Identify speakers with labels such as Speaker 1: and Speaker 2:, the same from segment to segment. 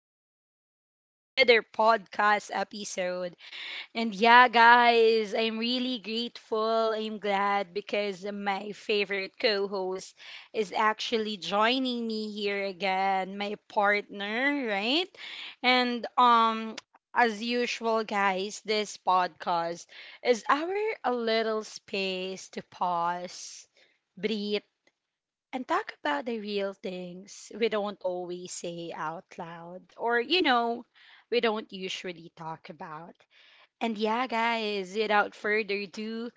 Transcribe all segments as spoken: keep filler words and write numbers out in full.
Speaker 1: welcome back to another podcast episode. And yeah, guys, I'm really grateful. I'm glad because my favorite co host is actually joining me here again, my partner, right? And, um, as usual, guys, this podcast is our a little space to pause, breathe, and talk about the real things we don't always say out loud or, you know, we don't usually talk about. And yeah, guys, without further ado,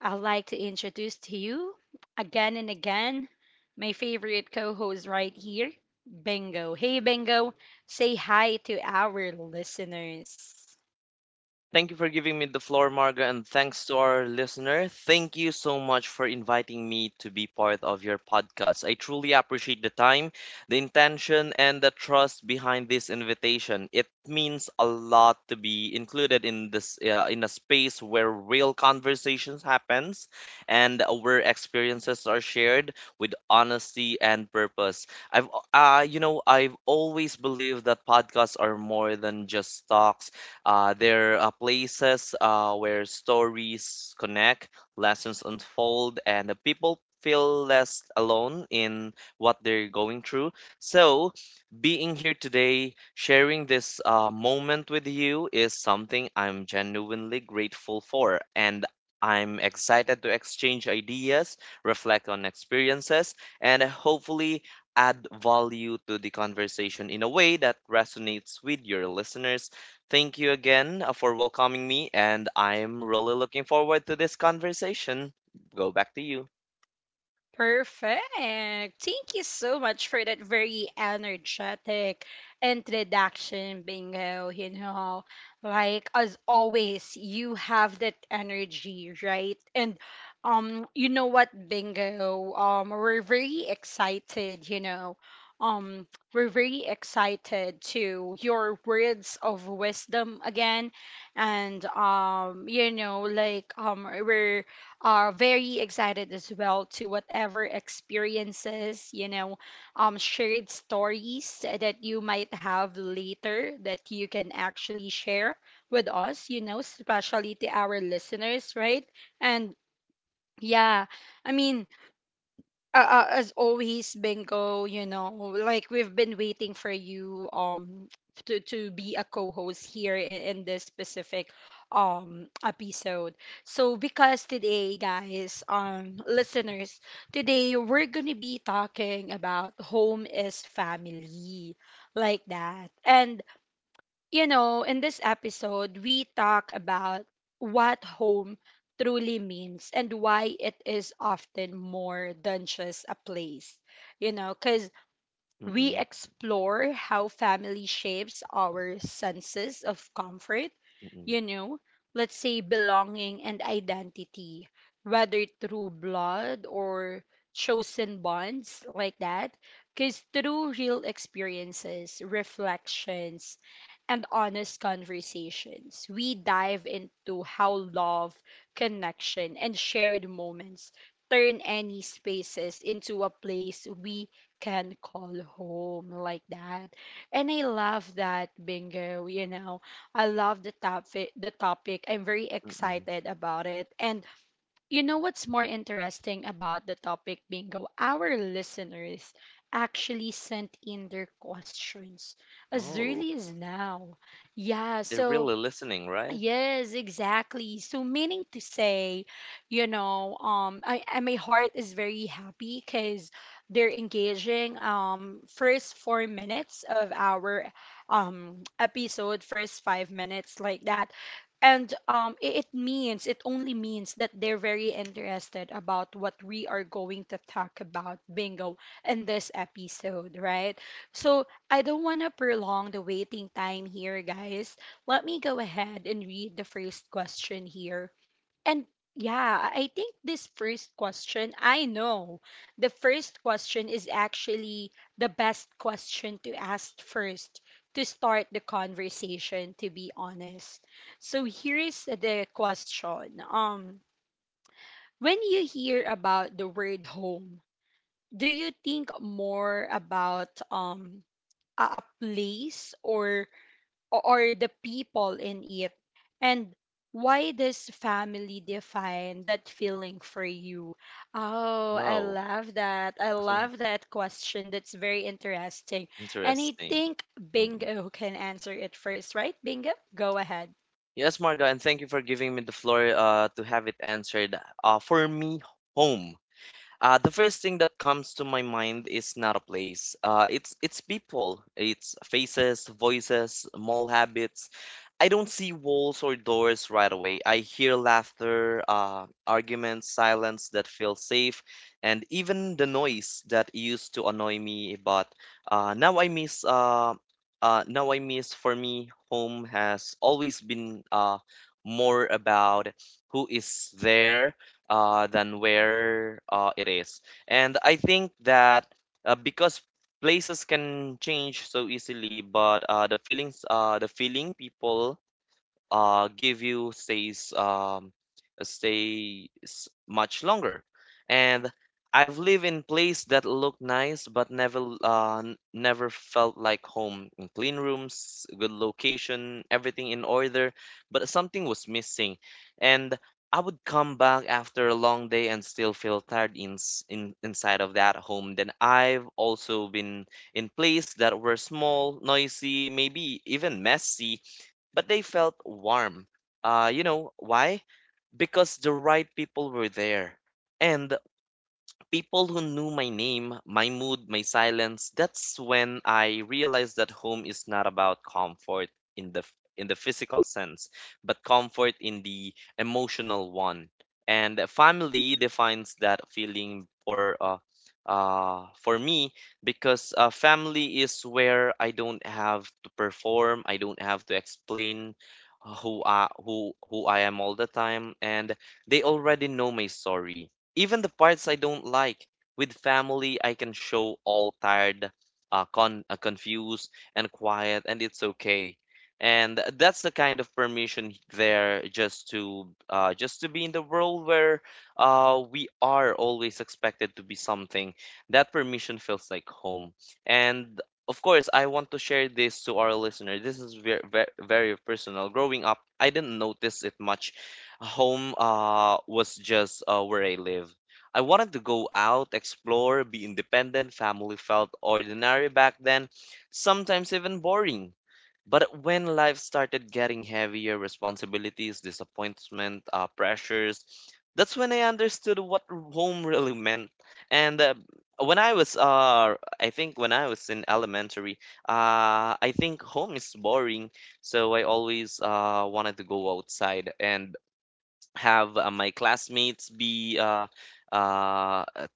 Speaker 1: I'd like to introduce to you again and again my favorite co host right here, Bingo. Hey, Bingo, say hi to our listeners.
Speaker 2: Thank you for giving me the floor, Marga, and thanks to our listener. Thank you so much for inviting me to be part of your podcast. I truly appreciate the time, the intention, and the trust behind this invitation. It means a lot to be included in this uh, in a space where real conversations happens and where experiences are shared with honesty and purpose. I've uh, you know, I've always believed that podcasts are more than just talks uh, they're uh, places uh, where stories connect, lessons unfold, and the people feel less alone in what they're going through. So, being here today, sharing this uh, moment with you is something I'm genuinely grateful for. And I'm excited to exchange ideas, reflect on experiences, and hopefully add value to the conversation in a way that resonates with your listeners. Thank you again uh, for welcoming me, and I'm really looking forward to this conversation. Go back to you.
Speaker 1: Perfect. Thank you so much for that very energetic introduction, Bingo. You know, like as always, you have that energy, right? And um, you know what, Bingo? Um, we're very excited. You know, um, we're very excited to your words of wisdom again, and um, you know, like um, we're are very excited as well to whatever experiences, you know, um, shared stories that you might have later that you can actually share with us, you know, especially to our listeners, right? And yeah, I mean, uh, uh, as always, bingo, you know, like we've been waiting for you um to, to be a co-host here in, in this specific um episode. So because today, guys, um, listeners, today we're gonna be talking about home is family, like that. And you know, in this episode, we talk about what home truly means and why it is often more than just a place. You know, because we
Speaker 2: Mm-mm,
Speaker 1: explore how family shapes our senses of comfort,
Speaker 2: mm-mm,
Speaker 1: you know, let's say belonging and identity, whether through blood or chosen bonds, like that. Because through real experiences, reflections, and honest conversations, we dive into how love, connection, and shared moments turn any spaces into a place we can call home, like that. And I love that, bingo, you know, I love the topic. The topic. I'm very
Speaker 2: mm-mm.
Speaker 1: excited about it. And you know what's more interesting about the topic, bingo? Our listeners actually sent in their questions as
Speaker 2: Oh,
Speaker 1: early as now. Yeah.
Speaker 2: they're
Speaker 1: So
Speaker 2: really listening, right?
Speaker 1: Yes, exactly. So meaning to say, you know, um I, I my heart is very happy because they're engaging um first four minutes of our um episode, first five minutes, like that. And um it, it means it only means that they're very interested about what we are going to talk about, bingo, in this episode, right? So I don't wanna prolong the waiting time here, guys, let me go ahead and read the first question here. And yeah, I think this first question, I know the first question is actually the best question to ask first to start the conversation, to be honest. So here is the question. Um, when you hear about the word home, do you think more about um a, a place or o- or the people in it, and why does family define that feeling for you? Oh, I
Speaker 2: Wow,
Speaker 1: love that, I love that question, that's very interesting. And I
Speaker 2: interesting.
Speaker 1: think
Speaker 2: Mm-mm.
Speaker 1: bingo can answer it first, right? Bingo, go ahead.
Speaker 2: Yes, Marga, and thank you for giving me the floor uh, to have it answered. Uh, for me, home. Uh, the first thing that comes to my mind is not a place. Uh, it's it's people. It's faces, voices, small habits. I don't see walls or doors right away. I hear laughter, uh, arguments, silence that feels safe, and even the noise that used to annoy me. But uh, now I miss. Uh, uh, now I miss. For me, home has always been uh, more about who is there uh, than where uh, it is. And I think that uh, because places can change so easily, but uh, the feelings, uh, the feeling people uh, give you stays um, stays much longer. And I've lived in place that looked nice but never uh, n- never felt like home. In clean rooms, good location, everything in order, but something was missing. And I would come back after a long day and still feel tired in, in inside of that home. Then I've also been in places that were small, noisy, maybe even messy, but they felt warm. Uh, you know why? Because the right people were there. And people who knew my name, my mood, my silence, that's when I realized that home is not about comfort in the in the physical sense, but comfort in the emotional one. And a family defines that feeling for uh, uh, for me because uh, family is where I don't have to perform, I don't have to explain who I, who who I am all the time, and they already know my story, even the parts I don't like. With family, I can show all tired, uh, con uh, confused, and quiet, and it's okay. And that's the kind of permission there just to uh, just to be in the world where uh, we are always expected to be something. That permission feels like home. And of course, I want to share this to our listener. This is very, very, very personal. Growing up, I didn't notice it much. Home uh, was just uh, where I live. I wanted to go out, explore, be independent. Family felt ordinary back then, sometimes even boring. But when life started getting heavier, responsibilities, disappointment, uh, pressures, that's when I understood what home really meant. And uh, when I was, uh, I think when I was in elementary, uh, I think home is boring. So I always uh, wanted to go outside and have uh, my classmates be uh, uh, uh,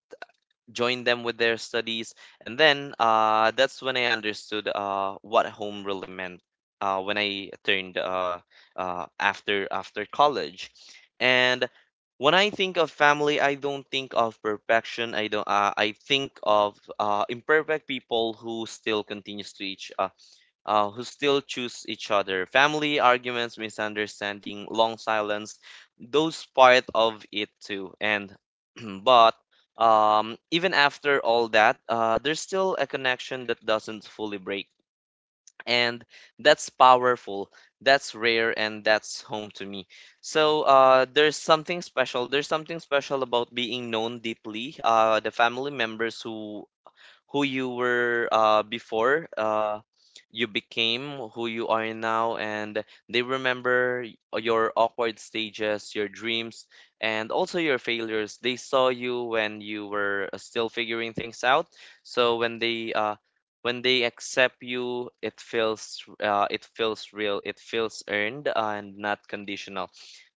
Speaker 2: join them with their studies and then uh, that's when I understood uh, what home really meant uh, when I turned uh, uh, after after college. And when I think of family, I don't think of perfection. I don't uh, I think of uh, imperfect people who still continues to each uh, uh, who still choose each other. Family arguments, misunderstanding, long silence, those part of it too. And but um, even after all that, uh, there's still a connection that doesn't fully break. And that's powerful, that's rare, and that's home to me. So uh, there's something special. There's something special about being known deeply. Uh, the family members who who you were uh, before uh, you became who you are now, and they remember y- your awkward stages, your dreams, and also your failures. They saw you when you were uh, still figuring things out. So when they uh, when they accept you, it feels uh, it feels real, it feels earned and not conditional.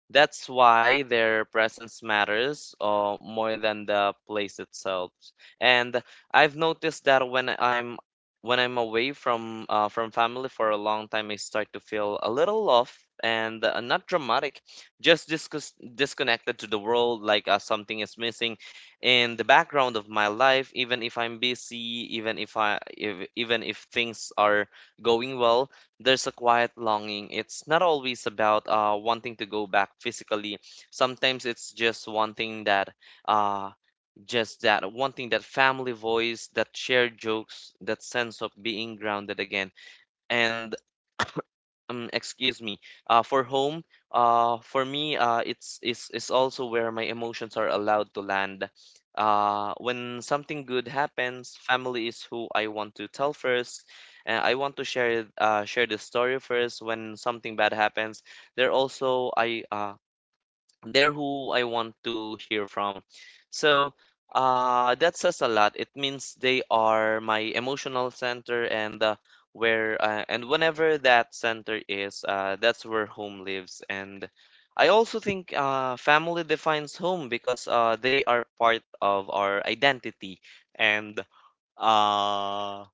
Speaker 2: That's why their presence matters uh, more than the place itself. And I've noticed that when I'm when I'm away from uh, from family for a long time, I start to feel a little off, and uh, not dramatic, just discus- disconnected to the world, like uh, something is missing in the background of my life. Even if I'm busy, even if I if, even if things are going well, there's a quiet longing. It's not always about uh, wanting to go back physically. Sometimes it's just wanting that, uh, just that, wanting that family voice, that shared jokes, that sense of being grounded again. And um Excuse me, uh for home uh for me uh it's it's it's also where my emotions are allowed to land. Uh when something good happens, family is who I want to tell first, and I want to share uh share the story first. When something bad happens, they're also I uh they're who I want to hear from. So uh, that says a lot. It means they are my emotional center, and uh, where uh, and whenever that center is, uh, that's where home lives. And I also think uh, family defines home because uh, they are part of our identity, and uh,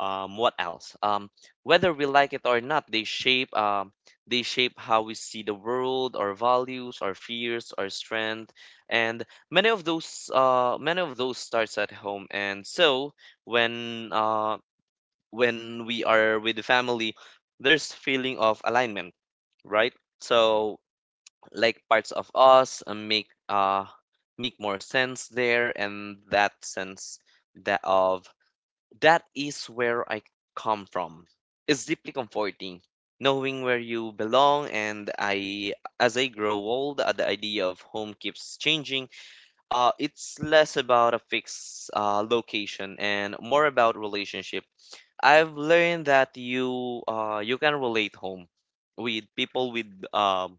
Speaker 2: um what else um whether we like it or not, they shape um they shape how we see the world, our values, our fears, our strength. And many of those uh many of those starts at home. And so when uh when we are with the family, there's feeling of alignment, right? So like parts of us uh, make uh make more sense there, and that sense, that of that is where I come from. It's deeply comforting knowing where you belong. And I, as I grow old, uh, the idea of home keeps changing. Uh, it's less about a fixed uh, location and more about relationship. I've learned that you uh, you can relate home with people, with um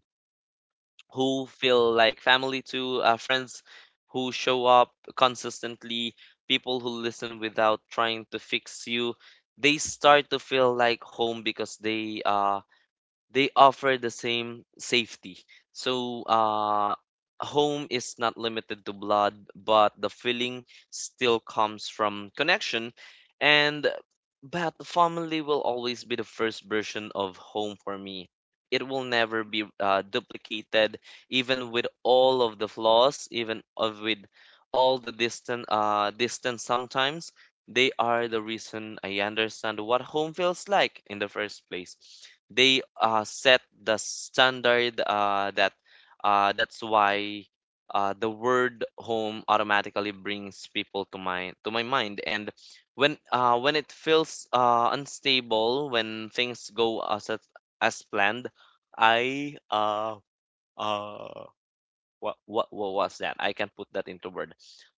Speaker 2: who feel like family, to uh, friends who show up consistently, people who listen without trying to fix you. They start to feel like home because they uh they offer the same safety. So, uh, home is not limited to blood, but the feeling still comes from connection. And but family will always be the first version of home for me. It will never be uh, duplicated, even with all of the flaws, even of with all the distant uh, distance sometimes. They are the reason I understand what home feels like in the first place. They uh, set the standard uh, that uh, that's why uh, the word home automatically brings people to my to my mind. And when uh, when it feels uh, unstable, when things go as as as planned, I uh, uh, what, what what was that? I can put that into word.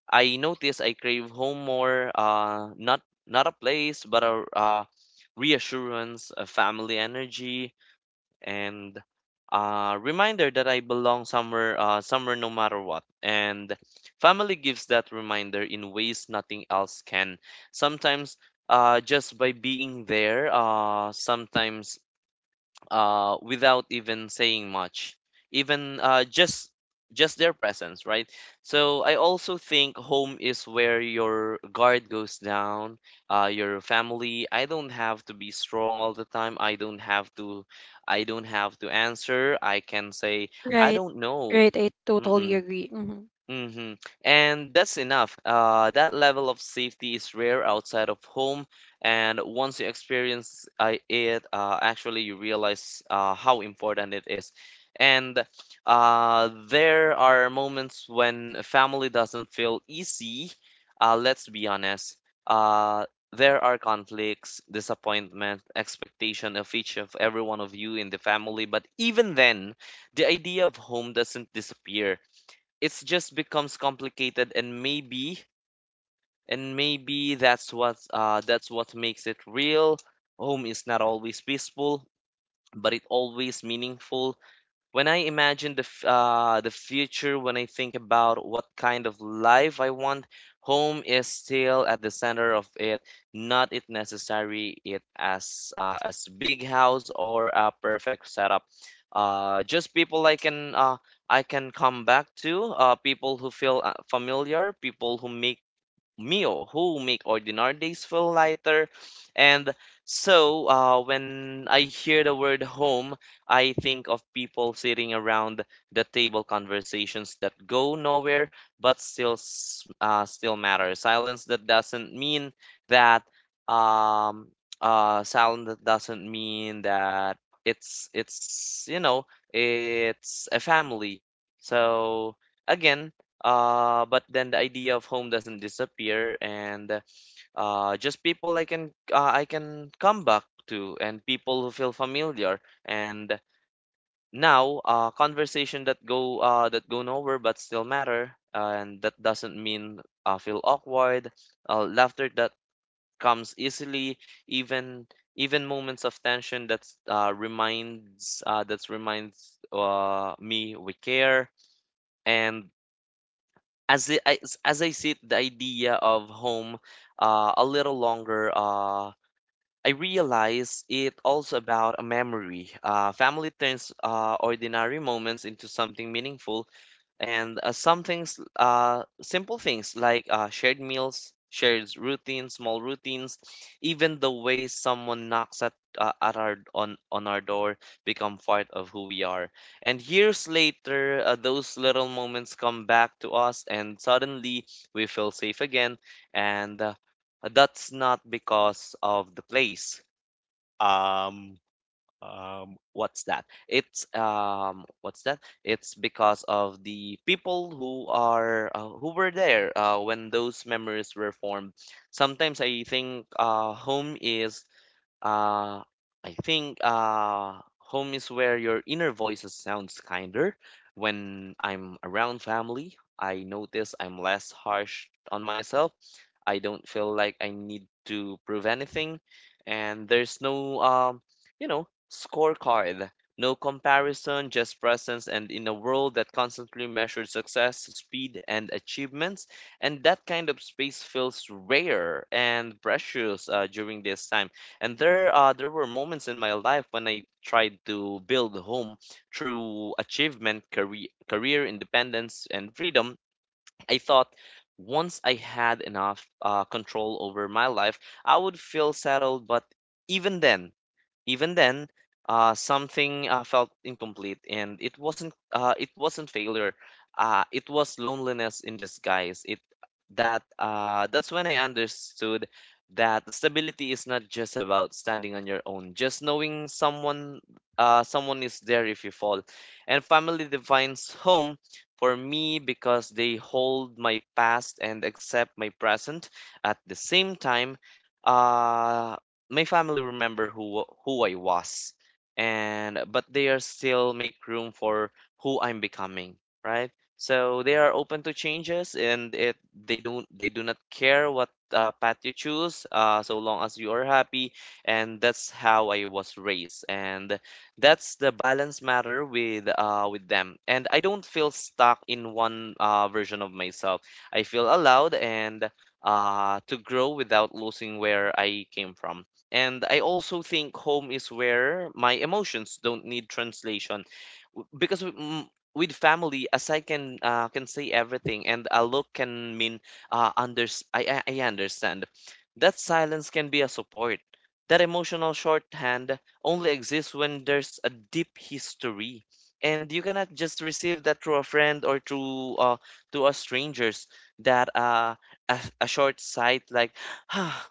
Speaker 2: I notice I crave home more, uh, not not a place, but a uh, reassurance, a family energy, and a reminder that I belong somewhere, uh, somewhere, no matter what. And family gives that reminder in ways nothing else can. Sometimes, uh, just by being there, uh, sometimes uh, without even saying much, even uh, just just their presence, right? So I also think home is where your guard goes down, uh, your family. I don't have to be strong all the time. I don't have to, I don't have to answer. I can say I
Speaker 1: Right.
Speaker 2: don't know.
Speaker 1: Right. I totally
Speaker 2: Mm-mm.
Speaker 1: agree. Hmm.
Speaker 2: Hmm. And that's enough. Uh, that level of safety is rare outside of home, and once you experience uh, it, uh, actually you realize uh, how important it is. And uh, there are moments when family doesn't feel easy. Uh, let's be honest. Uh, there are conflicts, disappointment, expectation of each of every one of you in the family. But even then, the idea of home doesn't disappear, it's just becomes complicated. And maybe and maybe that's what uh, that's what makes it real. Home is not always peaceful, but it always meaningful. When I imagine the f- uh, the future, when I think about what kind of life I want, home is still at the center of it. Not it necessary it as uh, as big house or a perfect setup. Uh, just people I can uh, I can come back to. Uh, people who feel uh, familiar. People who make meal, who make ordinary days feel lighter. And so uh, when I hear the word home, I think of people sitting around the table, conversations that go nowhere but still s- uh, still matter, silence that doesn't mean that um uh silence that doesn't mean that it's it's you know it's a family. So again uh, But then the idea of home doesn't disappear, and uh, just people I can uh, I can come back to, and people who feel familiar. And now, uh, conversation that go uh, that go nowhere but still matter, and that doesn't mean uh, feel awkward, uh, laughter that comes easily, even even moments of tension that's uh, reminds uh, that's reminds uh, me we care. And as I, as I sit the idea of home uh, a little longer, uh, I realize it also about a memory. Uh, family turns uh, ordinary moments into something meaningful, and uh, some things, uh, simple things like uh, shared meals, shared routines, small routines, even the way someone knocks at uh, at our on on our door become part of who we are. And years later, uh, those little moments come back to us, and suddenly we feel safe again, and uh, that's not because of the place. Um, um, what's that? It's um, what's that? It's because of the people who are uh, who were there uh, when those memories were formed. Sometimes I think uh, home is uh, I think uh, home is where your inner voices sounds kinder. When I'm around family, I notice I'm less harsh on myself. I don't feel like I need to prove anything, and there's no um, you know, scorecard, no comparison, just presence. And in a world that constantly measures success, speed, and achievements, and that kind of space feels rare and precious uh, during this time. And there, uh, there were moments in my life when I tried to build a home through achievement, career, career independence, and freedom. I thought once I had enough uh, control over my life, I would feel settled. But even then, even then, uh, something uh, felt incomplete, and it wasn't uh, it wasn't failure. Uh, it was loneliness in disguise. It that uh, that's when I understood that stability is not just about standing on your own. Just knowing someone uh, someone is there if you fall, and family defines home for me because they hold my past and accept my present at the same time. Uh, my family remember who who I was, and but they are still make room for who I'm becoming, right? So they are open to changes and it they don't they do not care what uh, path you choose, uh, so long as you are happy, and that's how I was raised, and that's the balance matter with uh, with them, and I don't feel stuck in one uh, version of myself. I feel allowed and uh, to grow without losing where I came from. And I also think home is where my emotions don't need translation, W- because with, mm, with family, as I can uh, can say everything, and a look can mean uh, unders I, I I understand. That silence can be a support. That emotional shorthand only exists when there's a deep history, and you cannot just receive that through a friend or through uh, to a strangers. That uh, a, a short sight like, ah,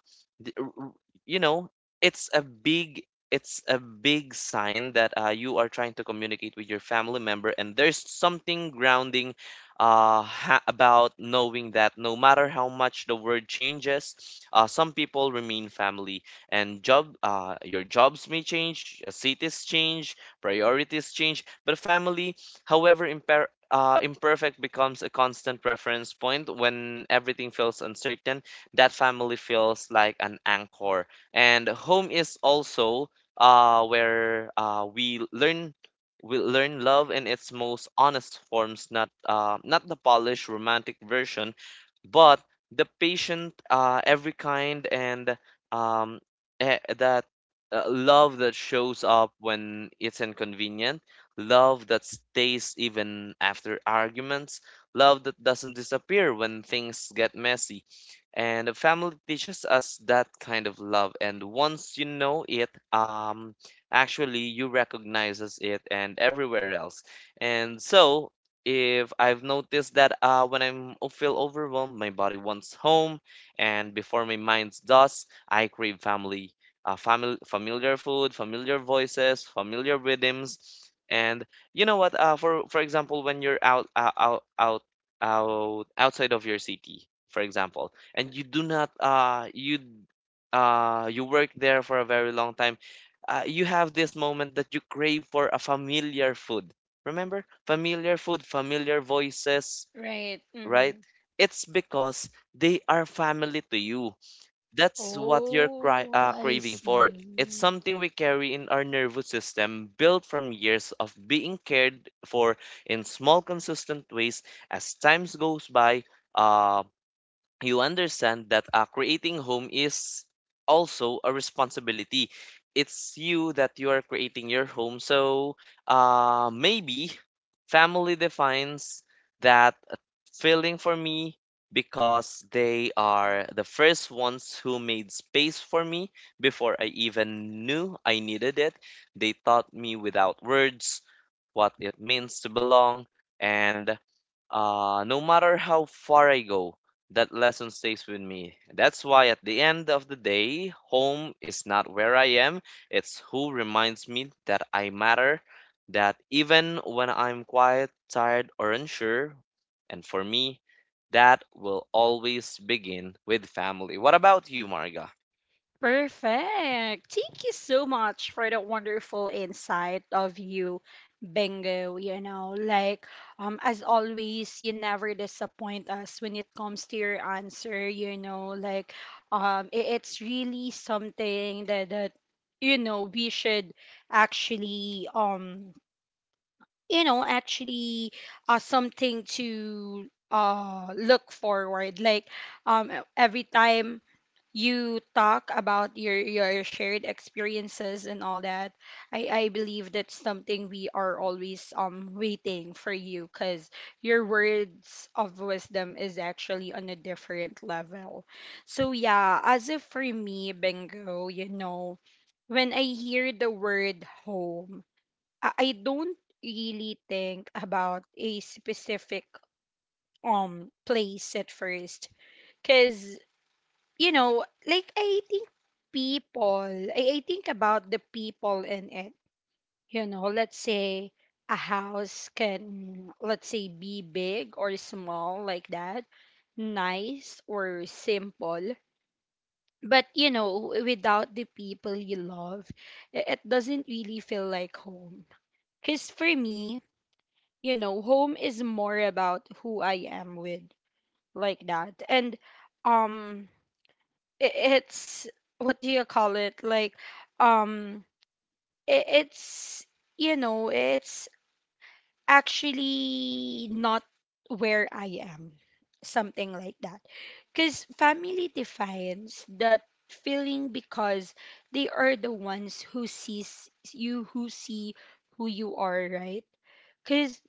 Speaker 2: you know, it's a big it's a big sign that uh, you are trying to communicate with your family member. And there's something grounding uh, ha- about knowing that no matter how much the word changes, uh, some people remain family, and job uh, your jobs may change, uh, cities change, priorities change, but family, however imper- uh, imperfect, becomes a constant reference point when everything feels uncertain. That family feels like an anchor. And home is also uh, where uh, we learn, we learn love in its most honest forms, not uh, not the polished romantic version, but the patient, uh, every kind, and um, eh, that uh, love that shows up when it's inconvenient, love that stays even after arguments, love that doesn't disappear when things get messy. And the family teaches us that kind of love, and once you know it um actually you recognizes it and everywhere else. And so if I've noticed that uh when I'm o- feel overwhelmed, my body wants home, and before my mind does, I crave family, uh, family, familiar food, familiar voices, familiar rhythms. And you know what, uh for for example, when you're out uh, out out out outside of your city, for example, and you do not uh you uh you work there for a very long time, uh, you have this moment that you crave for a familiar food. Remember, familiar food, familiar voices,
Speaker 1: Right.
Speaker 2: right?
Speaker 1: Hmm.
Speaker 2: It's because they are family to you. That's what you're cry-
Speaker 1: Oh,
Speaker 2: uh,
Speaker 1: I
Speaker 2: craving for. It's
Speaker 1: see.
Speaker 2: something we carry in our nervous system, built from years of being cared for in small consistent ways. As times goes by, uh you understand that uh, creating home is also a responsibility. It's you that you are creating your home. So uh, maybe family defines that feeling for me because they are the first ones who made space for me before I even knew I needed it. They taught me without words what it means to belong. And uh, no matter how far I go, that lesson stays with me. That's why at the end of the day, home is not where I am, it's who reminds me that I matter, that even when I'm quiet, tired, or unsure, and for me, that will always begin with family. What about you, Marga?
Speaker 1: Perfect. Thank you so much for the wonderful insight of you, Bingo. You know, like um as always, you never disappoint us when it comes to your answer, you know, like um i- it's really something that that you know we should actually um you know actually uh something to uh look forward like um every time you talk about your your shared experiences and all that. I i believe that's something we are always um waiting for you because your words of wisdom is actually on a different level. So yeah, as if for me, bingo, you know, when I hear the word home, i, I don't really think about a specific um place at first because you know, like I think people, I, I think about the people in it. You know, let's say a house can, let's say, be big or small, like that, nice or simple. But, you know, without the people you love, i- it doesn't really feel like home. Because for me, you know, home is more about who I am with, like that. And, um, i- it's what do you call it, like um i- it's you know it's actually not where I am, something like that, because family defines that feeling because they are the ones who sees you who see who you are, right? Because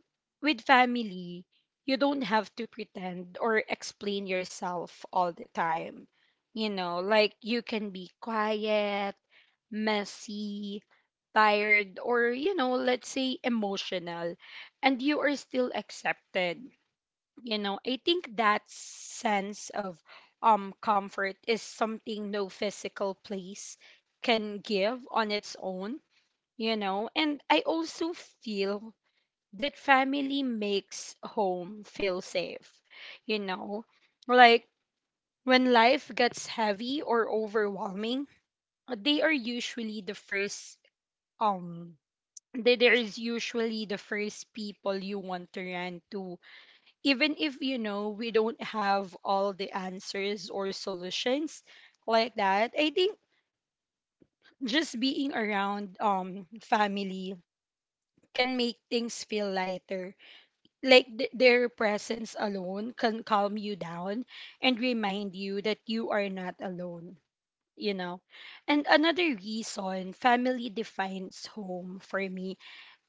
Speaker 1: with family, you don't have to pretend or explain yourself all the time. You know, like you can be quiet, messy, tired, or, you know, let's say emotional, and you are still accepted. You know, I think that sense of um, comfort is something no physical place can give on its own, you know, and I also feel that family makes home feel safe, you know, like when life gets heavy or overwhelming, they are usually the first um they, there is usually the first people you want to run to, even if you know we don't have all the answers or solutions, like that. I think just being around um family can make things feel lighter, like th- their presence alone can calm you down and remind you that you are not alone, you know. And another reason family defines home for me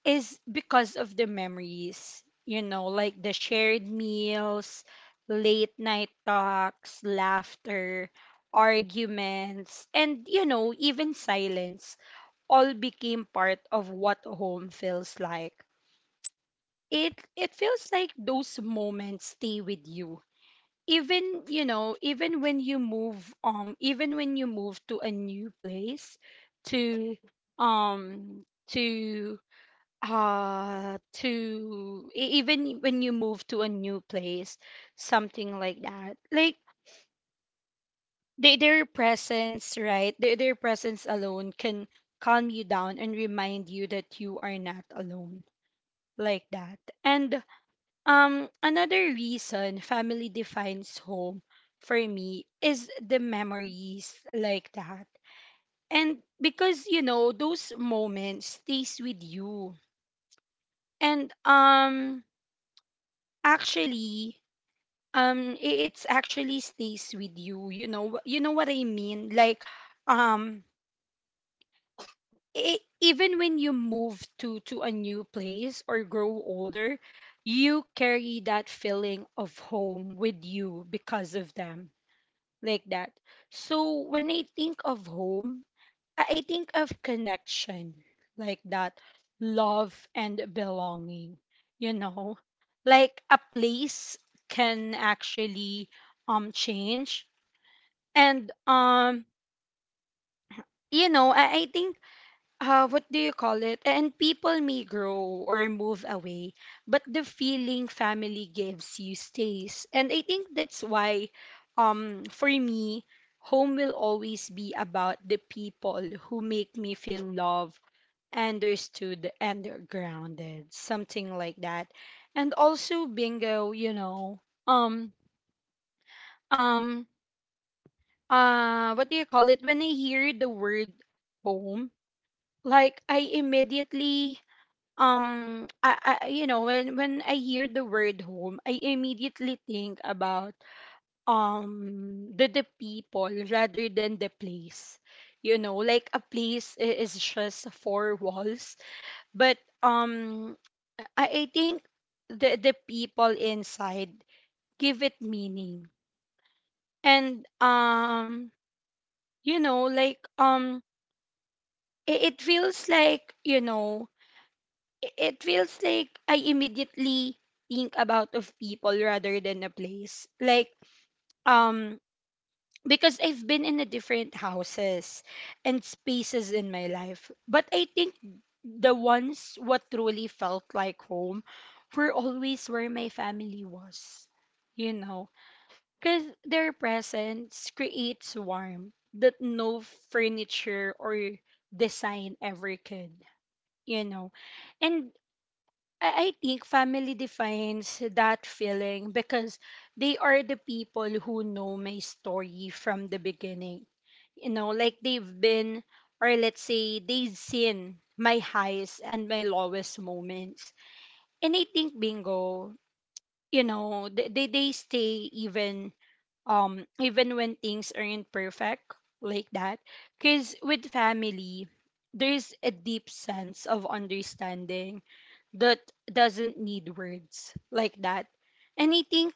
Speaker 1: is because of the memories, you know, like the shared meals, late night talks, laughter, arguments, and you know even silence, all became part of what home feels like. it it feels like those moments stay with you, even you know even when you move um even when you move to a new place to um to uh to e- even when you move to a new place, something like that. Like they, their presence, right? Their, their presence alone can calm you down and remind you that you are not alone, like that. And um, another reason family defines home for me is the memories, like that. And because you know, those moments stays with you. And um actually um i- it's actually stays with you. You know wh- you know what I mean? Like um I even when you move to to a new place or grow older, you carry that feeling of home with you because of them, like that. So when I think of home, I I think of connection, like that, love and belonging, you know, like a place can actually um change, and um you know, I, I think, uh, what do you call it? And people may grow or move away, but the feeling family gives you stays. And I think that's why, um, for me, home will always be about the people who make me feel loved, understood, and grounded, something like that. And also, bingo, you know, um, um, uh, what do you call it? When I hear the word home, like I immediately um I, I you know when when I hear the word home, I immediately think about um the the people rather than the place, you know, like a place i- is just four walls, but um I, I think the the people inside give it meaning. And um you know like um it, it feels like you know i- it feels like I immediately think about of people rather than a place. Like um because I've been in a different houses and spaces in my life. But I think the ones what truly felt like home were always where my family was. You know, cuz their presence creates warmth that no furniture or design ever could, you know. And I, I think family defines that feeling because they are the people who know my story from the beginning. You know, like they've been, or let's say, they've seen my highs and my lowest moments. And I think bingo, you know, they, they, they stay even um even when things aren't perfect, like that. Cause with family, there's a deep sense of understanding that doesn't need words, like that. And I think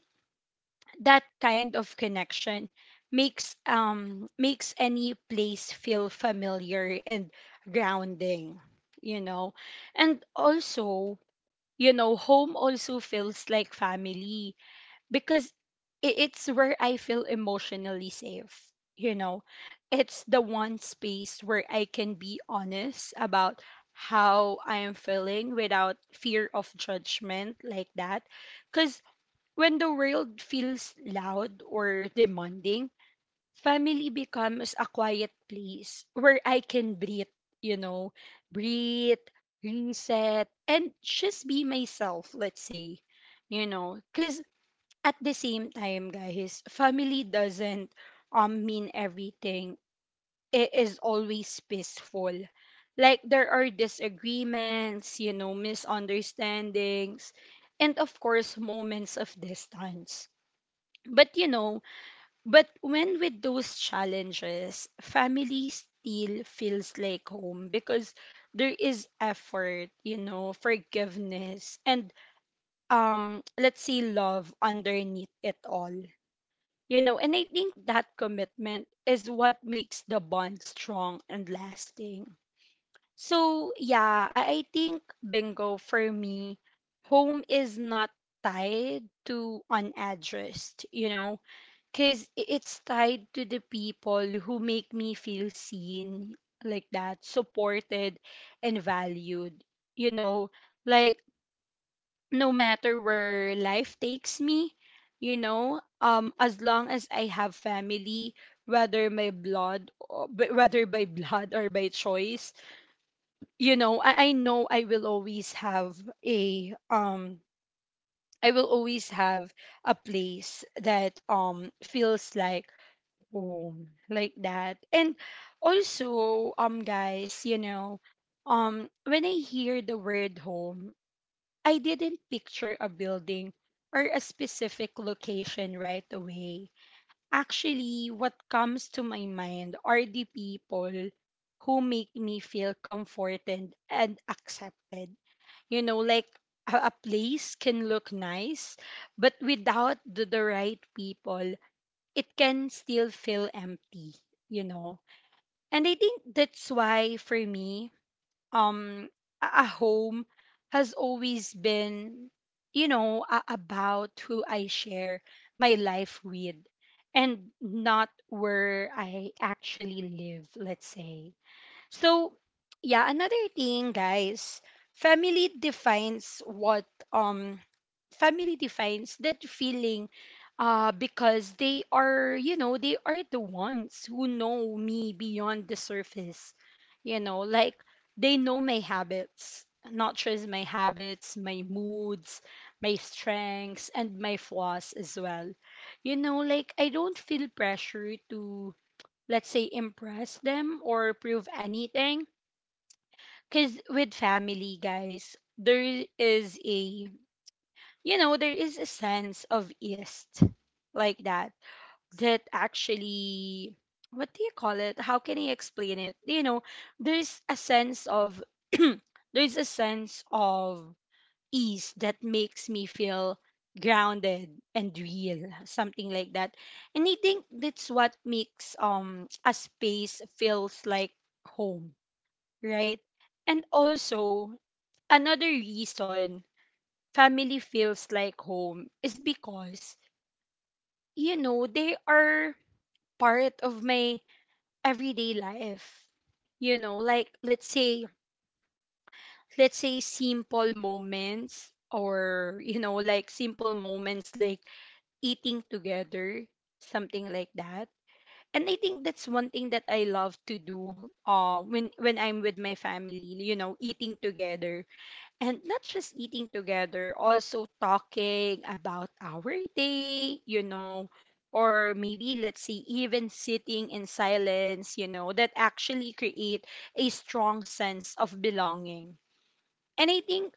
Speaker 1: that kind of connection makes um makes any place feel familiar and grounding, you know. And also, you know, home also feels like family because i- it's where I feel emotionally safe. You know, it's the one space where I can be honest about how I am feeling without fear of judgment, like that. Because when the world feels loud or demanding, family becomes a quiet place where I can breathe, you know, breathe, reset, and just be myself, let's say, you know. Because at the same time, guys, family doesn't um mean everything. It is always peaceful. Like there are disagreements, you know, misunderstandings, and of course moments of distance. But you know, but when with those challenges, family still feels like home because there is effort, you know, forgiveness, and um let's say love underneath it all, you know, and I think that commitment is what makes the bond strong and lasting. So, yeah, I, I think bingo for me, home is not tied to an address, you know, because it's tied to the people who make me feel seen like that, supported and valued, you know, like no matter where life takes me, you know, um, as long as I have family, whether my blood, or- whether by blood or by choice, you know, I, I know I will always have a um, I will always have a place that um feels like home, like that. And also, um, guys, you know, um, when I hear the word home, I didn't picture a building or a specific location right away. Actually, what comes to my mind are the people who make me feel comforted and accepted. You know, like a, a place can look nice, but without the, the right people, it can still feel empty, you know. And I think that's why, for me, um a a home has always been, you know a- about who I share my life with, and not where I actually live, let's say. So, yeah, another thing, guys, family defines what um family defines that feeling, uh because they are, you know, they are the ones who know me beyond the surface. You know, like they know my habits, not just my habits, my moods, my strengths and my flaws as well. You know, like I don't feel pressure to, let's say, impress them or prove anything. Because with family, guys, there is a, you know, there is a sense of ease like that, that actually, what do you call it? How can I explain it? You know, there's a sense of, there's a sense of ease that makes me feel grounded and real, something like that. And I think that's what makes um a space feels like home, right? And also, another reason family feels like home is because, you know, they are part of my everyday life. You know, like, let's say, let's say simple moments, or, you know, like simple moments like eating together, something like that. And I think that's one thing that I love to do, uh, when when I'm with my family, you know, eating together. And not just eating together, also talking about our day, you know, or maybe, let's say, even sitting in silence, you know, that actually create a strong sense of belonging. And I think,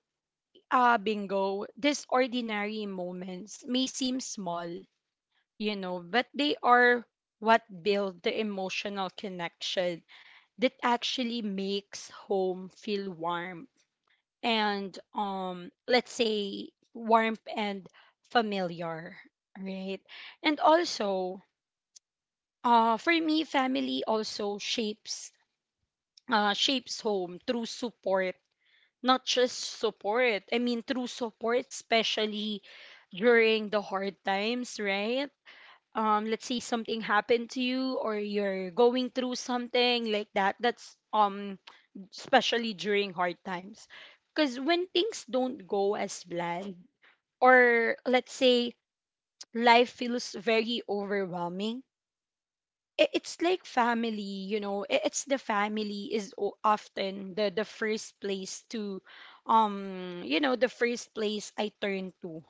Speaker 1: uh, bingo, these ordinary moments may seem small, you know, but they are what build the emotional connection that actually makes home feel warm and, um let's say, warmth and familiar, right? And also, uh for me, family also shapes uh shapes home through support. Not just support, I mean through support, especially during the hard times, right? Um let's say something happened to you, or you're going through something like that that's um Especially during hard times, because when things don't go as planned, or, let's say, life feels very overwhelming, i- it's like family, you know. I- it's the family is o- often the the first place to, um you know, the first place I turn to,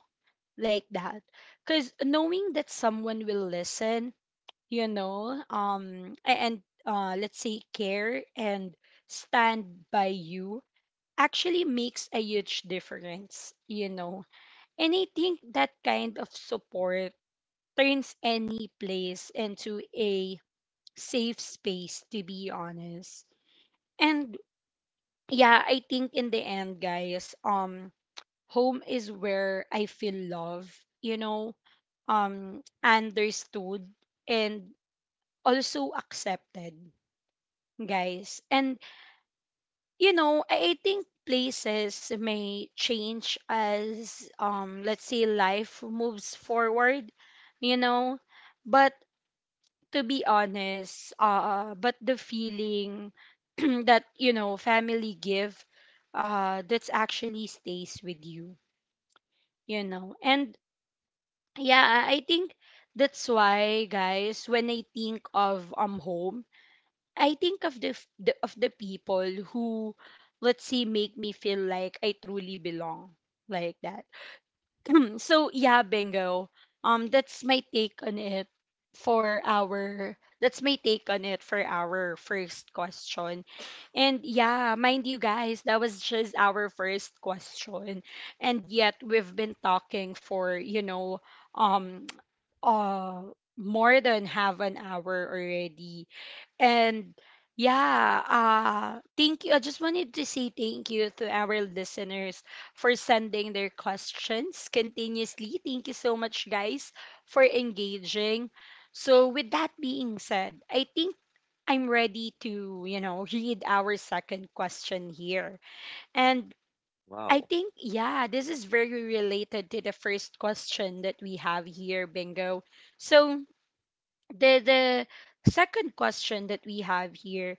Speaker 1: like that. Because knowing that someone will listen, you know, um a- and, uh let's say, care and stand by you actually makes a huge difference, you know. And I think that kind of support turns any place into a safe space, to be honest. And yeah, I think in the end, guys, um home is where I feel love, you know, um understood and also accepted, guys. And you know, I I think places may change as, um let's say, life moves forward, you know. But to be honest, uh but the feeling that, you know, family give, uh that's actually stays with you, you know. And yeah, I I think that's why, guys, when I think of um home, I think of the, f- the of the people who, let's say, make me feel like I truly belong, like that. So yeah, bingo. Um that's my take on it for our that's my take on it for our first question. And yeah, mind you, guys, that was just our first question. And yet we've been talking for, you know, um uh more than half an hour already. And yeah, uh, thank you. I just wanted to say thank you to our listeners for sending their questions continuously. Thank you so much, guys, for engaging. So, with that being said, I think I'm ready to, you know, read our second question here. And I
Speaker 2: Wow.
Speaker 1: think, yeah, this is very related to the first question that we have here, Bingo. So, the the second question that we have here: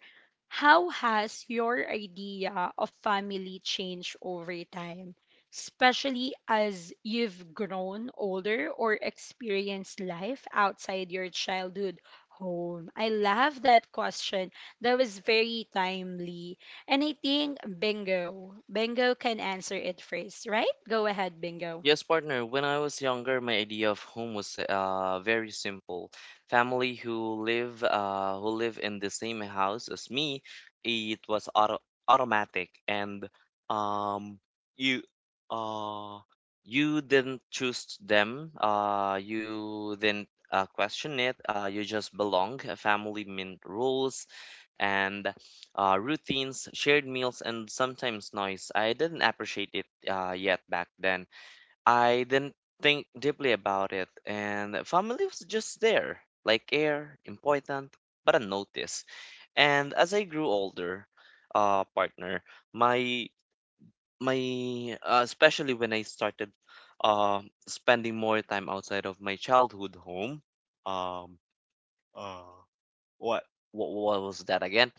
Speaker 1: how has your idea of family changed over time, especially as you've grown older or experienced life outside your childhood home? I love that question. That was very timely. And I think, bingo Bingo can answer it first, right? Go ahead, Bingo.
Speaker 2: Yes, partner. When I was younger, my idea of home was uh, very simple. Family who live uh, who live in the same house as me, it was auto automatic, and um, you uh, you didn't choose them. Uh, you didn't uh, question it. Uh, you just belong. A family meant rules and uh, routines, shared meals, and sometimes noise. I didn't appreciate it uh, yet. Back then I didn't think deeply about it, and family was just there, like air, important, but unnoticed. And as I grew older, uh, partner, my my uh, especially when I started uh, spending more time outside of my childhood home, um, uh, what? What, what was that again?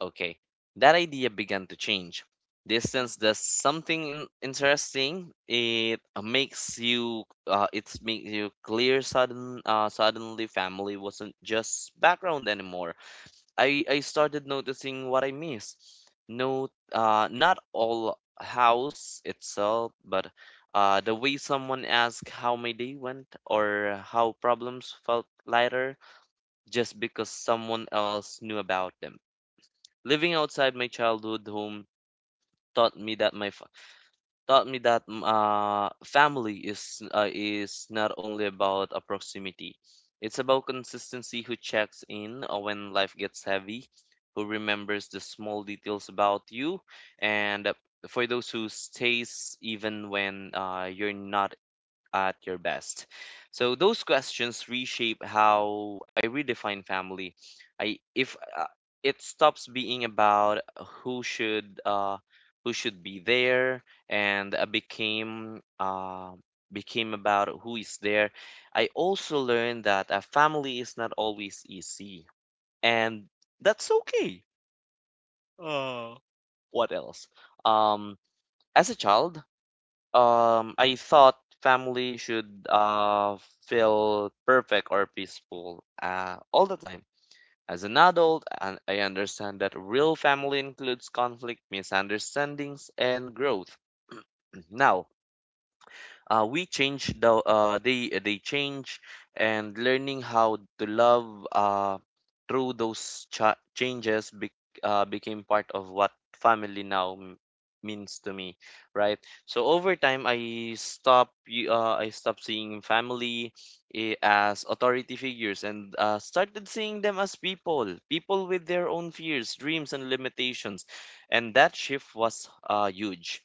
Speaker 2: Okay, that idea began to change. Distance does something in- interesting. It uh, makes you, uh, it makes you clear. Sudden, uh, suddenly, family wasn't just background anymore. I I started noticing what I miss. No, uh, not all house itself, but uh, the way someone asked how my day went, or how problems felt lighter just because someone else knew about them. Living outside my childhood home taught me that my fa- taught me that mm, uh, family is uh, is not only about a proximity. It's about consistency, who checks in uh, when life gets heavy, who remembers the small details about you, and uh, for those who stays even when uh, you're not at your best? So those questions reshape how I redefine family. I if uh, It stops being about who should uh, who should be there and uh, became uh, became about who is there. I also learned that a family is not always easy, and that's okay. Oh, what else? Um, as a child, um, I thought family should uh, feel perfect or peaceful uh, all the time. As an adult, and I understand that real family includes conflict, misunderstandings, and growth. Now, uh, we change the uh, they they change, and learning how to love uh, through those cha changes bec uh, became part of what family now m- means to me, right? So over time I stop y- uh, I stopped seeing family eh, as authority figures and uh, started seeing them as people people with their own fears, dreams, and limitations. And that shift was uh, huge.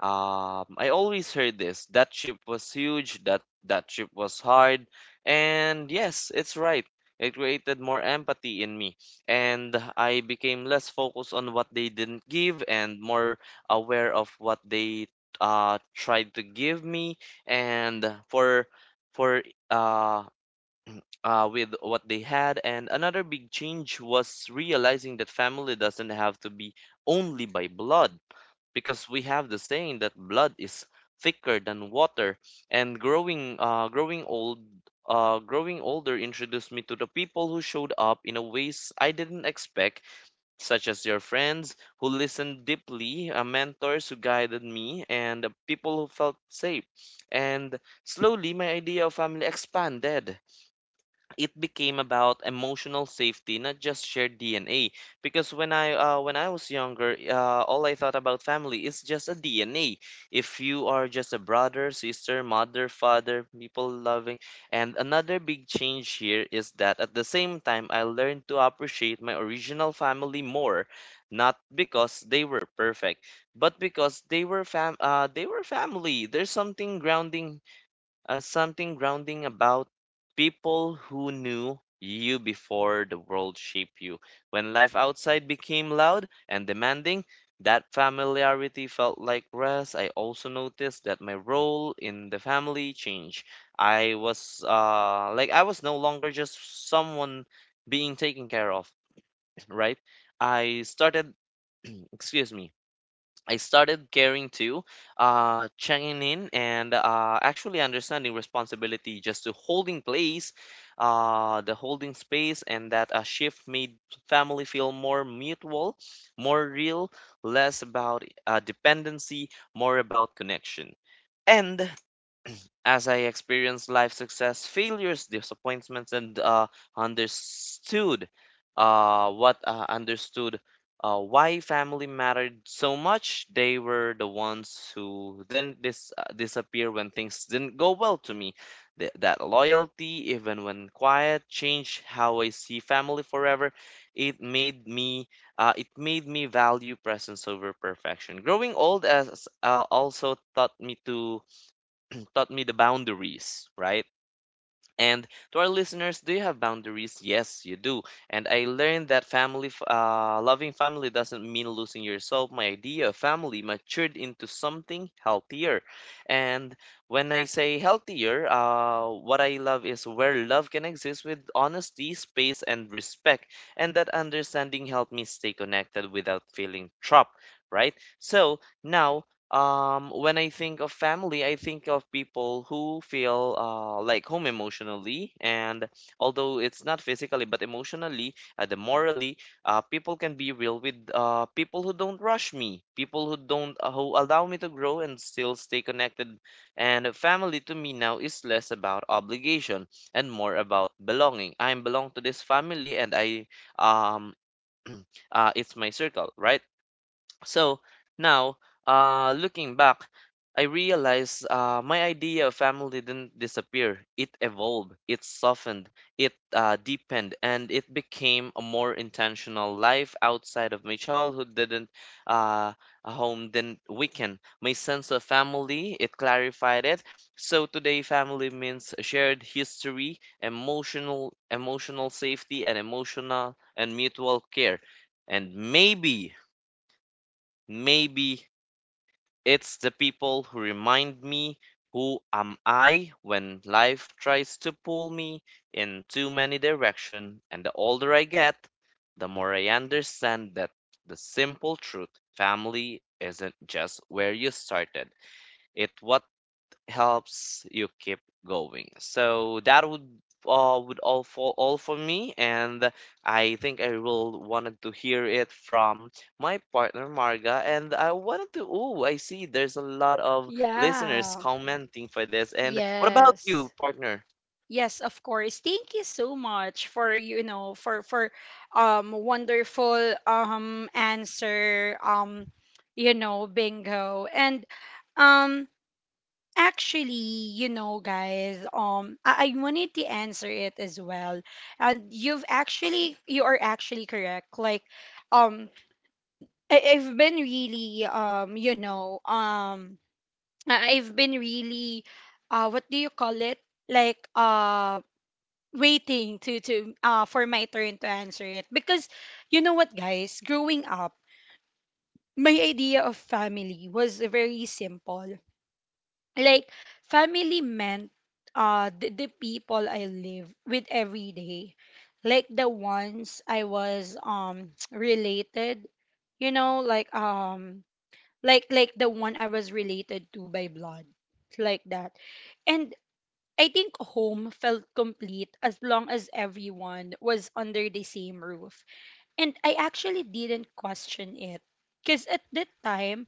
Speaker 2: um, I always heard this. That ship was huge, that that ship was hard, and yes, it's right. It created more empathy in me, and I became less focused on what they didn't give and more aware of what they uh tried to give me and for for uh uh with what they had. And another big change was realizing that family doesn't have to be only by blood, because we have the saying that blood is thicker than water. And growing uh, growing old uh, growing older introduced me to the people who showed up in a ways I didn't expect, such as your friends who listened deeply, uh, mentors who guided me, and uh, people who felt safe. And slowly, my idea of family expanded. It became about emotional safety, not just shared D N A. Because when I uh, when I was younger, uh, all I thought about family is just a D N A. If you are just a brother, sister, mother, father, people loving. And another big change here is that at the same time, I learned to appreciate my original family more, not because they were perfect, but because they were fam uh, they were family. There's something grounding uh, something grounding about people who knew you before the world shaped you. When life outside became loud and demanding, that familiarity felt like rest. I also noticed that my role in the family changed. I was uh, like I was no longer just someone being taken care of, right? I started, excuse me, I started caring too, uh, checking in and uh, actually understanding responsibility just to holding place, uh, the holding space, and that a shift made family feel more mutual, more real, less about uh, dependency, more about connection. And. As I experienced life success, failures, disappointments, and uh, understood uh, what uh, understood uh, why family mattered so much, they were the ones who then dis- uh, disappear when things didn't go well to me. Th- that loyalty, even when quiet, changed how I see family forever. It made me uh, it made me value presence over perfection. Growing old as uh, also taught me to taught me the boundaries, right? And to our listeners, do you have boundaries? Yes, you do. And I learned that family, f- uh, loving family doesn't mean losing yourself. My idea of family matured into something healthier. And when I say healthier, uh, what I love is where love can exist with honesty, space, and respect. And that understanding helped me stay connected without feeling trapped, right? So now um, when I think of family, I think of people who feel uh, like home emotionally, and although it's not physically, but emotionally, uh, the morally, uh, people can be real with uh, people who don't rush me, people who don't uh, who allow me to grow and still stay connected. And family to me now is less about obligation and more about belonging. I belong to this family, and I um, uh, it's my circle, right? So now, uh, looking back, I realized uh, my idea of family didn't disappear. It evolved, it softened, it uh, deepened, and it became a more intentional life outside of my childhood. Didn't uh, a home didn't weaken my sense of family. It clarified it. So today, family means shared history, emotional, emotional safety, and emotional and mutual care. And maybe Maybe it's the people who remind me who am I when life tries to pull me in too many directions, and the older I get, the more I understand that the simple truth family isn't just where you started, it's what helps you keep going. So that would uh, would all for all for me, and I think I will wanted to hear it from my partner Marga, and I wanted to. Oh, I see. There's a lot of listeners
Speaker 1: Yeah.
Speaker 2: commenting for this. And what about
Speaker 1: Yes.
Speaker 2: you, partner?
Speaker 1: Yes, of course. Thank you so much for, you know for for um wonderful, um answer, um you know Bingo. And, um actually, you know, guys, um I, I wanted to answer it as well. And you've actually you are actually correct. Like, um I, I've been really, um you know um I- I've been really, uh what do you call it, like, um waiting to to uh for my turn to answer it. Because, you know what, guys, growing up, my idea of family was very simple. Like, family meant, uh the, the people I live with every day. Like the ones I was, um related, you know, like, um like like the one I was related to by blood, like that. And I think home felt complete as long as everyone was under the same roof. And I actually didn't question it. Because at that time,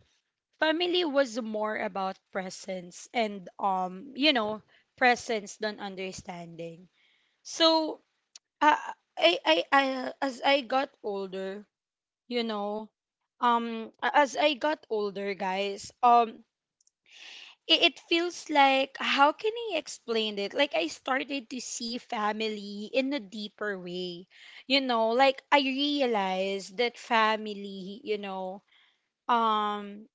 Speaker 1: family was more about presence and, um, you know, presence than understanding. So, uh, I, I, I, as I got older, you know, um, a- as I got older, guys, um, it, it feels like, how can I explain it? Like, I started to see family in a deeper way. You know, like I realized that family, you know, um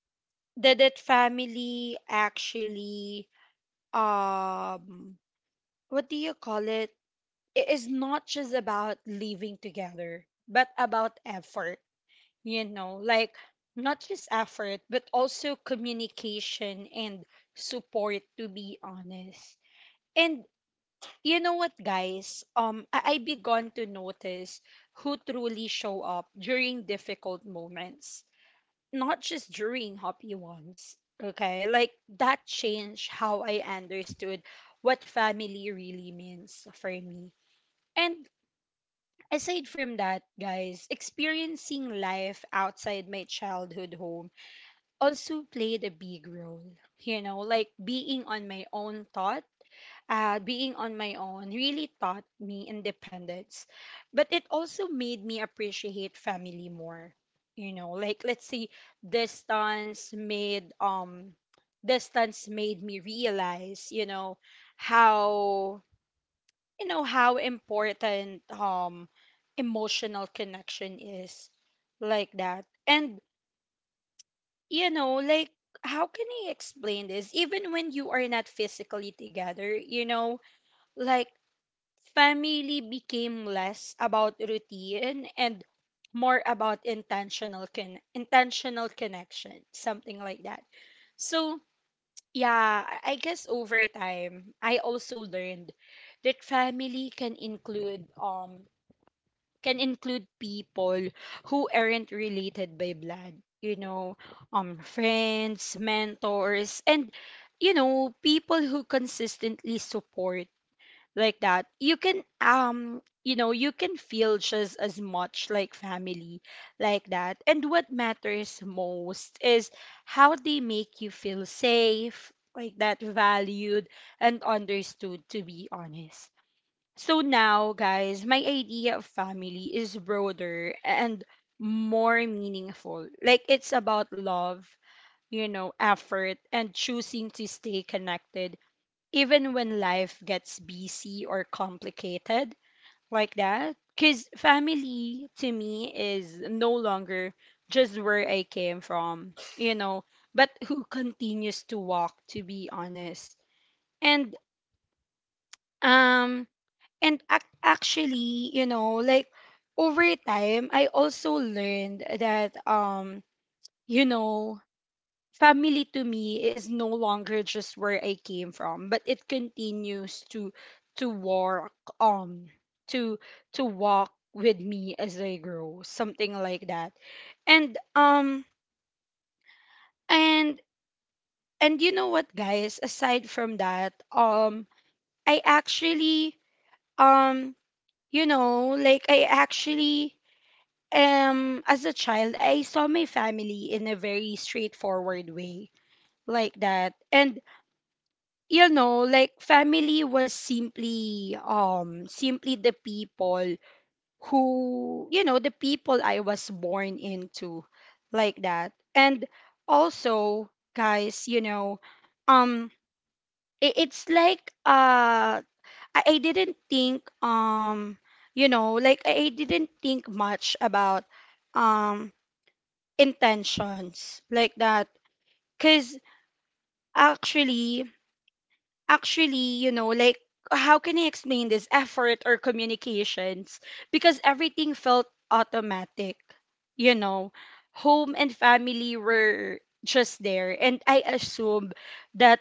Speaker 1: that that family actually, um what do you call it? It is not just about living together, but about effort, you know, like, not just effort, but also communication and support, to be honest. And you know what, guys? Um, I, I begun to notice who truly show up during difficult moments, not just during happy ones. Okay, like, that changed how I understood what family really means for me. And aside from that, guys, experiencing life outside my childhood home also played a big role. You know, like being on my own thoughts uh, being on my own really taught me independence, but it also made me appreciate family more. You know, like, let's say, distance made um distance made me realize, you know, how you know how important um emotional connection is, like that. And you know, like, how can I explain this? Even when you are not physically together, you know, like, family became less about routine and more about intentional con- intentional connection, something like that. So, yeah, I I guess over time, I also learned that family can include um can include people who aren't related by blood, you know, um friends, mentors, and, you know, people who consistently support, like that, you can, um you know you can feel just as much like family, like that. And what matters most is how they make you feel safe, like that, valued and understood, to be honest. So now, guys, my idea of family is broader and more meaningful. Like, it's about love, you know, effort, and choosing to stay connected even when life gets busy or complicated, like that. Because family to me is no longer just where I came from, you know, but who continues to walk, to be honest. And, um, and ac- actually, you know, like over time, I also learned that, um, you know, family to me is no longer just where I came from, but it continues to to walk um to to walk with me as I grow, something like that. And um and and you know what, guys, aside from that, um I actually um you know, like I actually um as a child, I saw my family in a very straightforward way, like that. And you know, like family was simply um simply the people who, you know the people I was born into, like that. And also, guys, you know, um i- it's like, uh I, I didn't think, um you know, like I I didn't think much about um intentions, like that. Cuz actually, actually, you know, like, how can I explain this, effort or communications? Because everything felt automatic, you know. Home and family were just there. And I assumed that,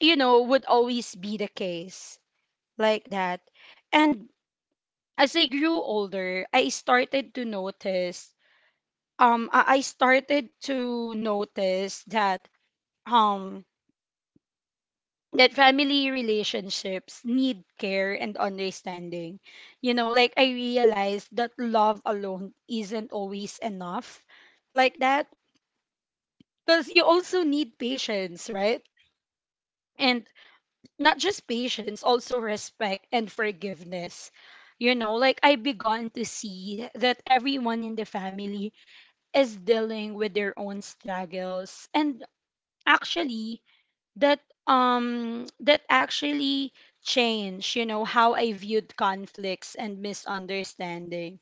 Speaker 1: you know, would always be the case like that. And as I grew older, I started to notice, um, I I started to notice that, um, that family relationships need care and understanding. You know, like I realized that love alone isn't always enough like that because you also need patience, right? And not just patience, also respect and forgiveness. You know, like I begun to see that everyone in the family is dealing with their own struggles and actually that um that actually changed you know how I viewed conflicts and misunderstanding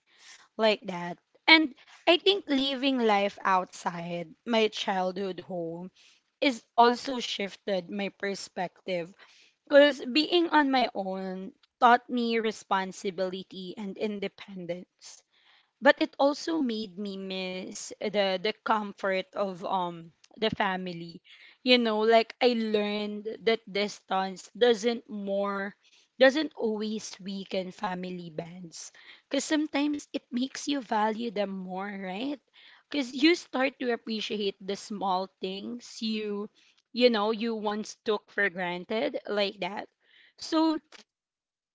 Speaker 1: like that. And I think living life outside my childhood home is also shifted my perspective because being on my own taught me responsibility and independence, but it also made me miss the the comfort of um the family. You know, like I learned that distance doesn't more doesn't always weaken family bonds because sometimes it makes you value them more, right? Because you start to appreciate the small things you you know you once took for granted like that. So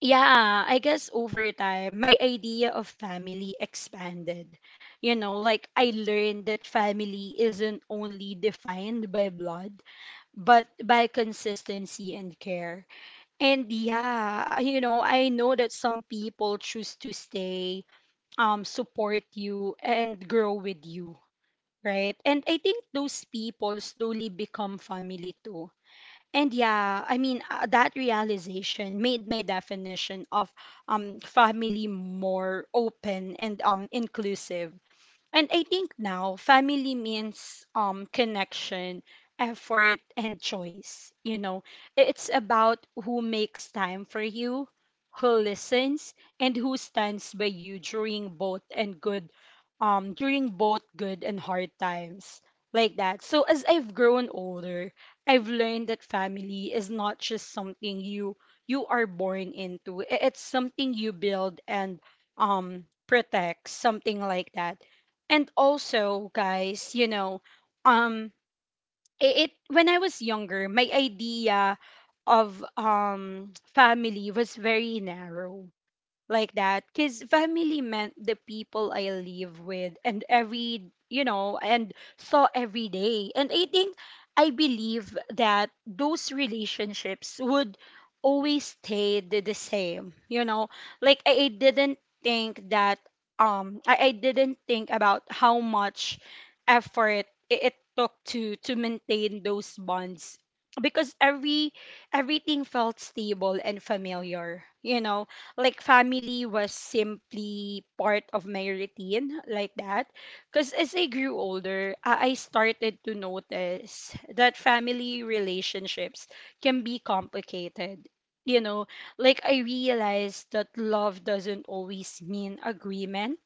Speaker 1: yeah, I guess over time, my idea of family expanded. You know, like I learned that family isn't only defined by blood, but by consistency and care. And yeah, you know, I know that some people choose to stay, um, support you, and grow with you, right? And I think those people slowly become family too. And yeah, I mean uh, that realization made my definition of um family more open and um inclusive. And I think now family means um connection, effort and choice, you know. I- It's about who makes time for you, who listens and who stands by you during both and good um during both good and hard times like that. So as I've grown older, I've learned that family is not just something you you are born into. I- It's something you build and um protect, something like that. And also guys, you know, um it, it when I was younger my idea of um family was very narrow like that because family meant the people I live with and every you know and saw every day, and I think I believe that those relationships would always stay the, the same, you know. Like I, I didn't think that um I, I didn't think about how much effort it, it took to to maintain those bonds because every everything felt stable and familiar, you know. Like family was simply part of my routine like that. Because as I grew older, i I started to notice that family relationships can be complicated, you know. Like I realized that love doesn't always mean agreement,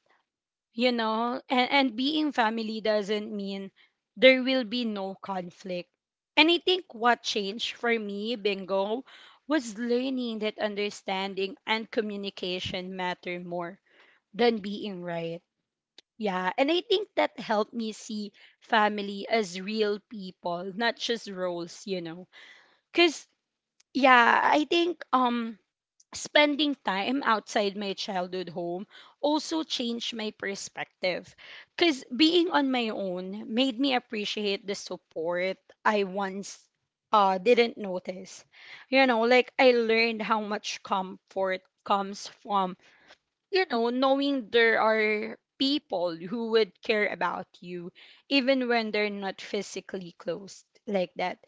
Speaker 1: you know, and, and being family doesn't mean there will be no conflict. And I think what changed for me, bingo, was learning that understanding and communication matter more than being right. Yeah, and I think that helped me see family as real people, not just roles, you know. Because yeah, I think um spending time outside my childhood home also changed my perspective because being on my own made me appreciate the support I once uh, didn't notice. You know, like I learned how much comfort comes from, you know, knowing there are people who would care about you even when they're not physically close like that.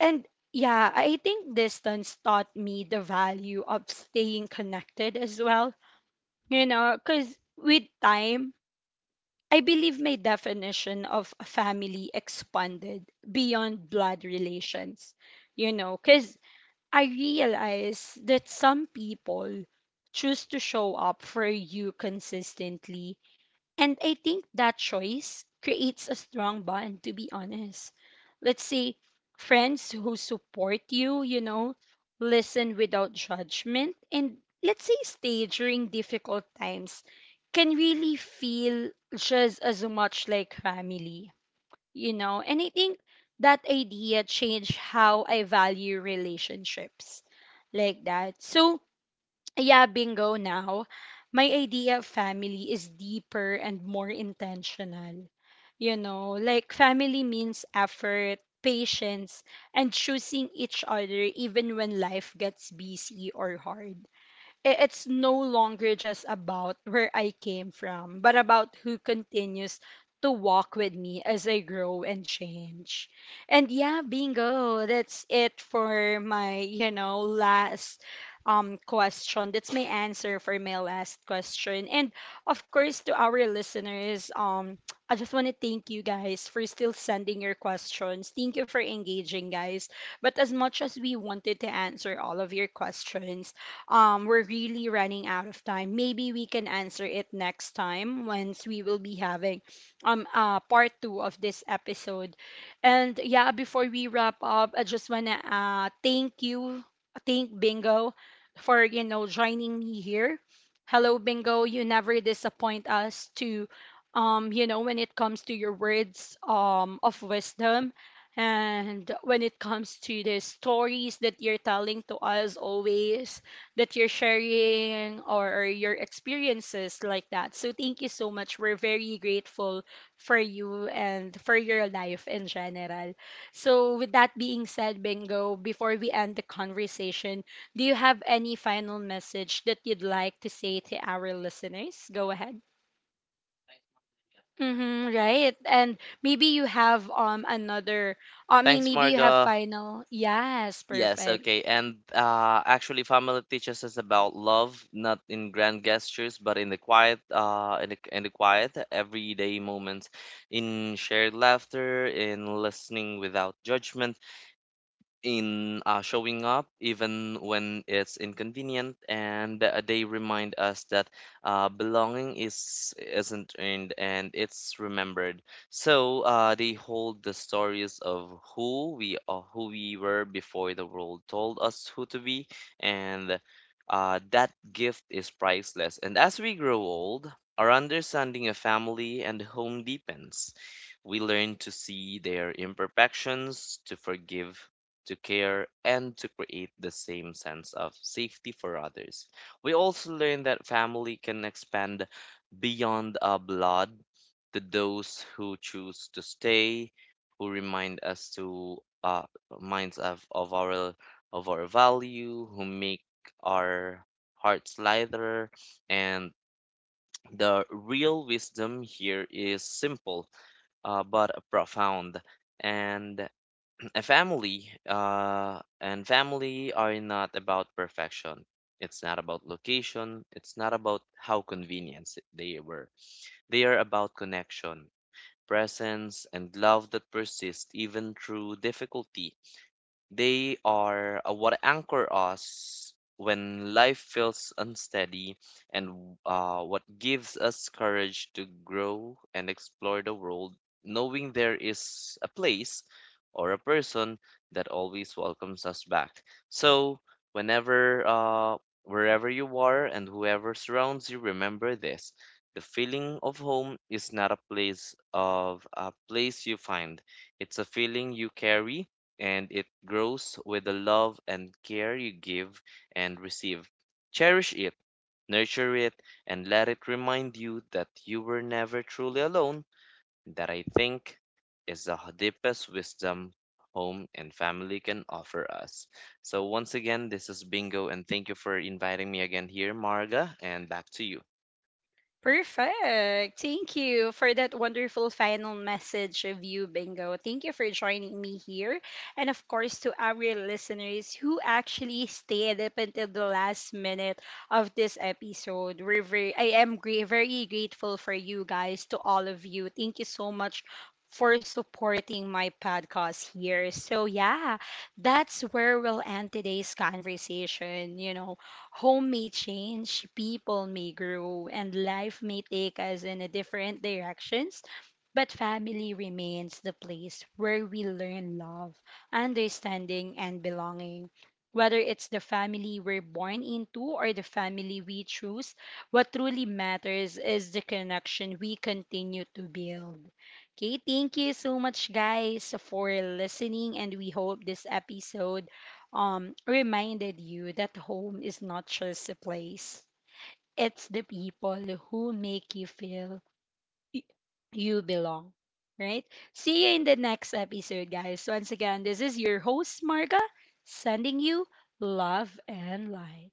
Speaker 1: And yeah, I think distance taught me the value of staying connected as well. You know, because with time, I believe my definition of a family expanded beyond blood relations. You know, because I realize that some people choose to show up for you consistently, and I think that choice creates a strong bond, to be honest. Let's say friends who support you, you know, listen without judgment, and let's say stay during difficult times can really feel just as much like family, you know. And I think that idea changed how I value relationships like that. So, yeah, bingo, now my idea of family is deeper and more intentional. You know, like family means effort, patience, and choosing each other even when life gets busy or hard. I- it's no longer just about where I came from, but about who continues to walk with me as I grow and change. And yeah, bingo, that's it for my, you know, last um question. That's my answer for my last question. And of course, to our listeners, um I just want to thank you guys for still sending your questions. Thank you for engaging, guys. But as much as we wanted to answer all of your questions, um, we're really running out of time. Maybe we can answer it next time once we will be having um uh, part two of this episode. And yeah, before we wrap up, I just wanna uh, thank you, thank Bingo, for you know joining me here. Hello, Bingo. You never disappoint us to, um, you know, when it comes to your words um of wisdom. And when it comes to the stories that you're telling to us always, that you're sharing or or your experiences like that. So thank you so much. We're very grateful for you and for your life in general. So with that being said, Bingo, before we end the conversation, do you have any final message that you'd like to say to our listeners? Go ahead. Mm-hmm, right. And maybe you have um another, I mean
Speaker 2: Thanks,
Speaker 1: maybe you have
Speaker 2: Marga.
Speaker 1: final. Yes,
Speaker 2: Yes,
Speaker 1: perfect.
Speaker 2: okay. And uh, actually, family teaches us about love, not in grand gestures, but in the quiet, uh, in the, in the quiet everyday moments, in shared laughter, in listening without judgment, in uh, showing up even when it's inconvenient and uh, they remind us that uh, belonging is isn't earned and it's remembered. So uh, they hold the stories of who we are, who we were before the world told us who to be. And uh, that gift is priceless, and as we grow old our understanding of family and home deepens. We learn to see their imperfections, to forgive, to care, and to create the same sense of safety for others. We also learn that family can expand beyond our blood to those who choose to stay, who remind us to uh, minds of, of our of our value, who make our hearts lighter, and the real wisdom here is simple uh, but profound. And a family uh and family are not about perfection, it's not about location, it's not about how convenient they were. They are about connection, presence, and love that persists even through difficulty. They are uh, what anchor us when life feels unsteady, and uh, what gives us courage to grow and explore the world, knowing there is a place or a person that always welcomes us back. So, whenever, uh, wherever you are and whoever surrounds you, remember this. The feeling of home is not a place of a place you find. It's a feeling you carry, and it grows with the love and care you give and receive. Cherish it, nurture it, and let it remind you that you were never truly alone. That, I think, is the deepest wisdom home and family can offer us. So, once again, this is Bingo, and thank you for inviting me again here, Marga, and back to you.
Speaker 1: Perfect. Thank you for that wonderful final message of you, Bingo. Thank you for joining me here. And of course, to our listeners who actually stayed up until the last minute of this episode. We're very, I am gra- very grateful for you guys, to all of you. Thank you so much for supporting my podcast here. So, yeah, that's where we'll end today's conversation. You know, home may change, people may grow, and life may take us in a different direction. But family remains the place where we learn love, understanding, and belonging. Whether it's the family we're born into or the family we choose, what truly matters is the connection we continue to build. Okay, thank you so much, guys, for listening, and we hope this episode um, reminded you that home is not just a place, it's the people who make you feel y- you belong. Right? See you in the next episode, guys. Once again, this is your host, Marga, sending you love and light.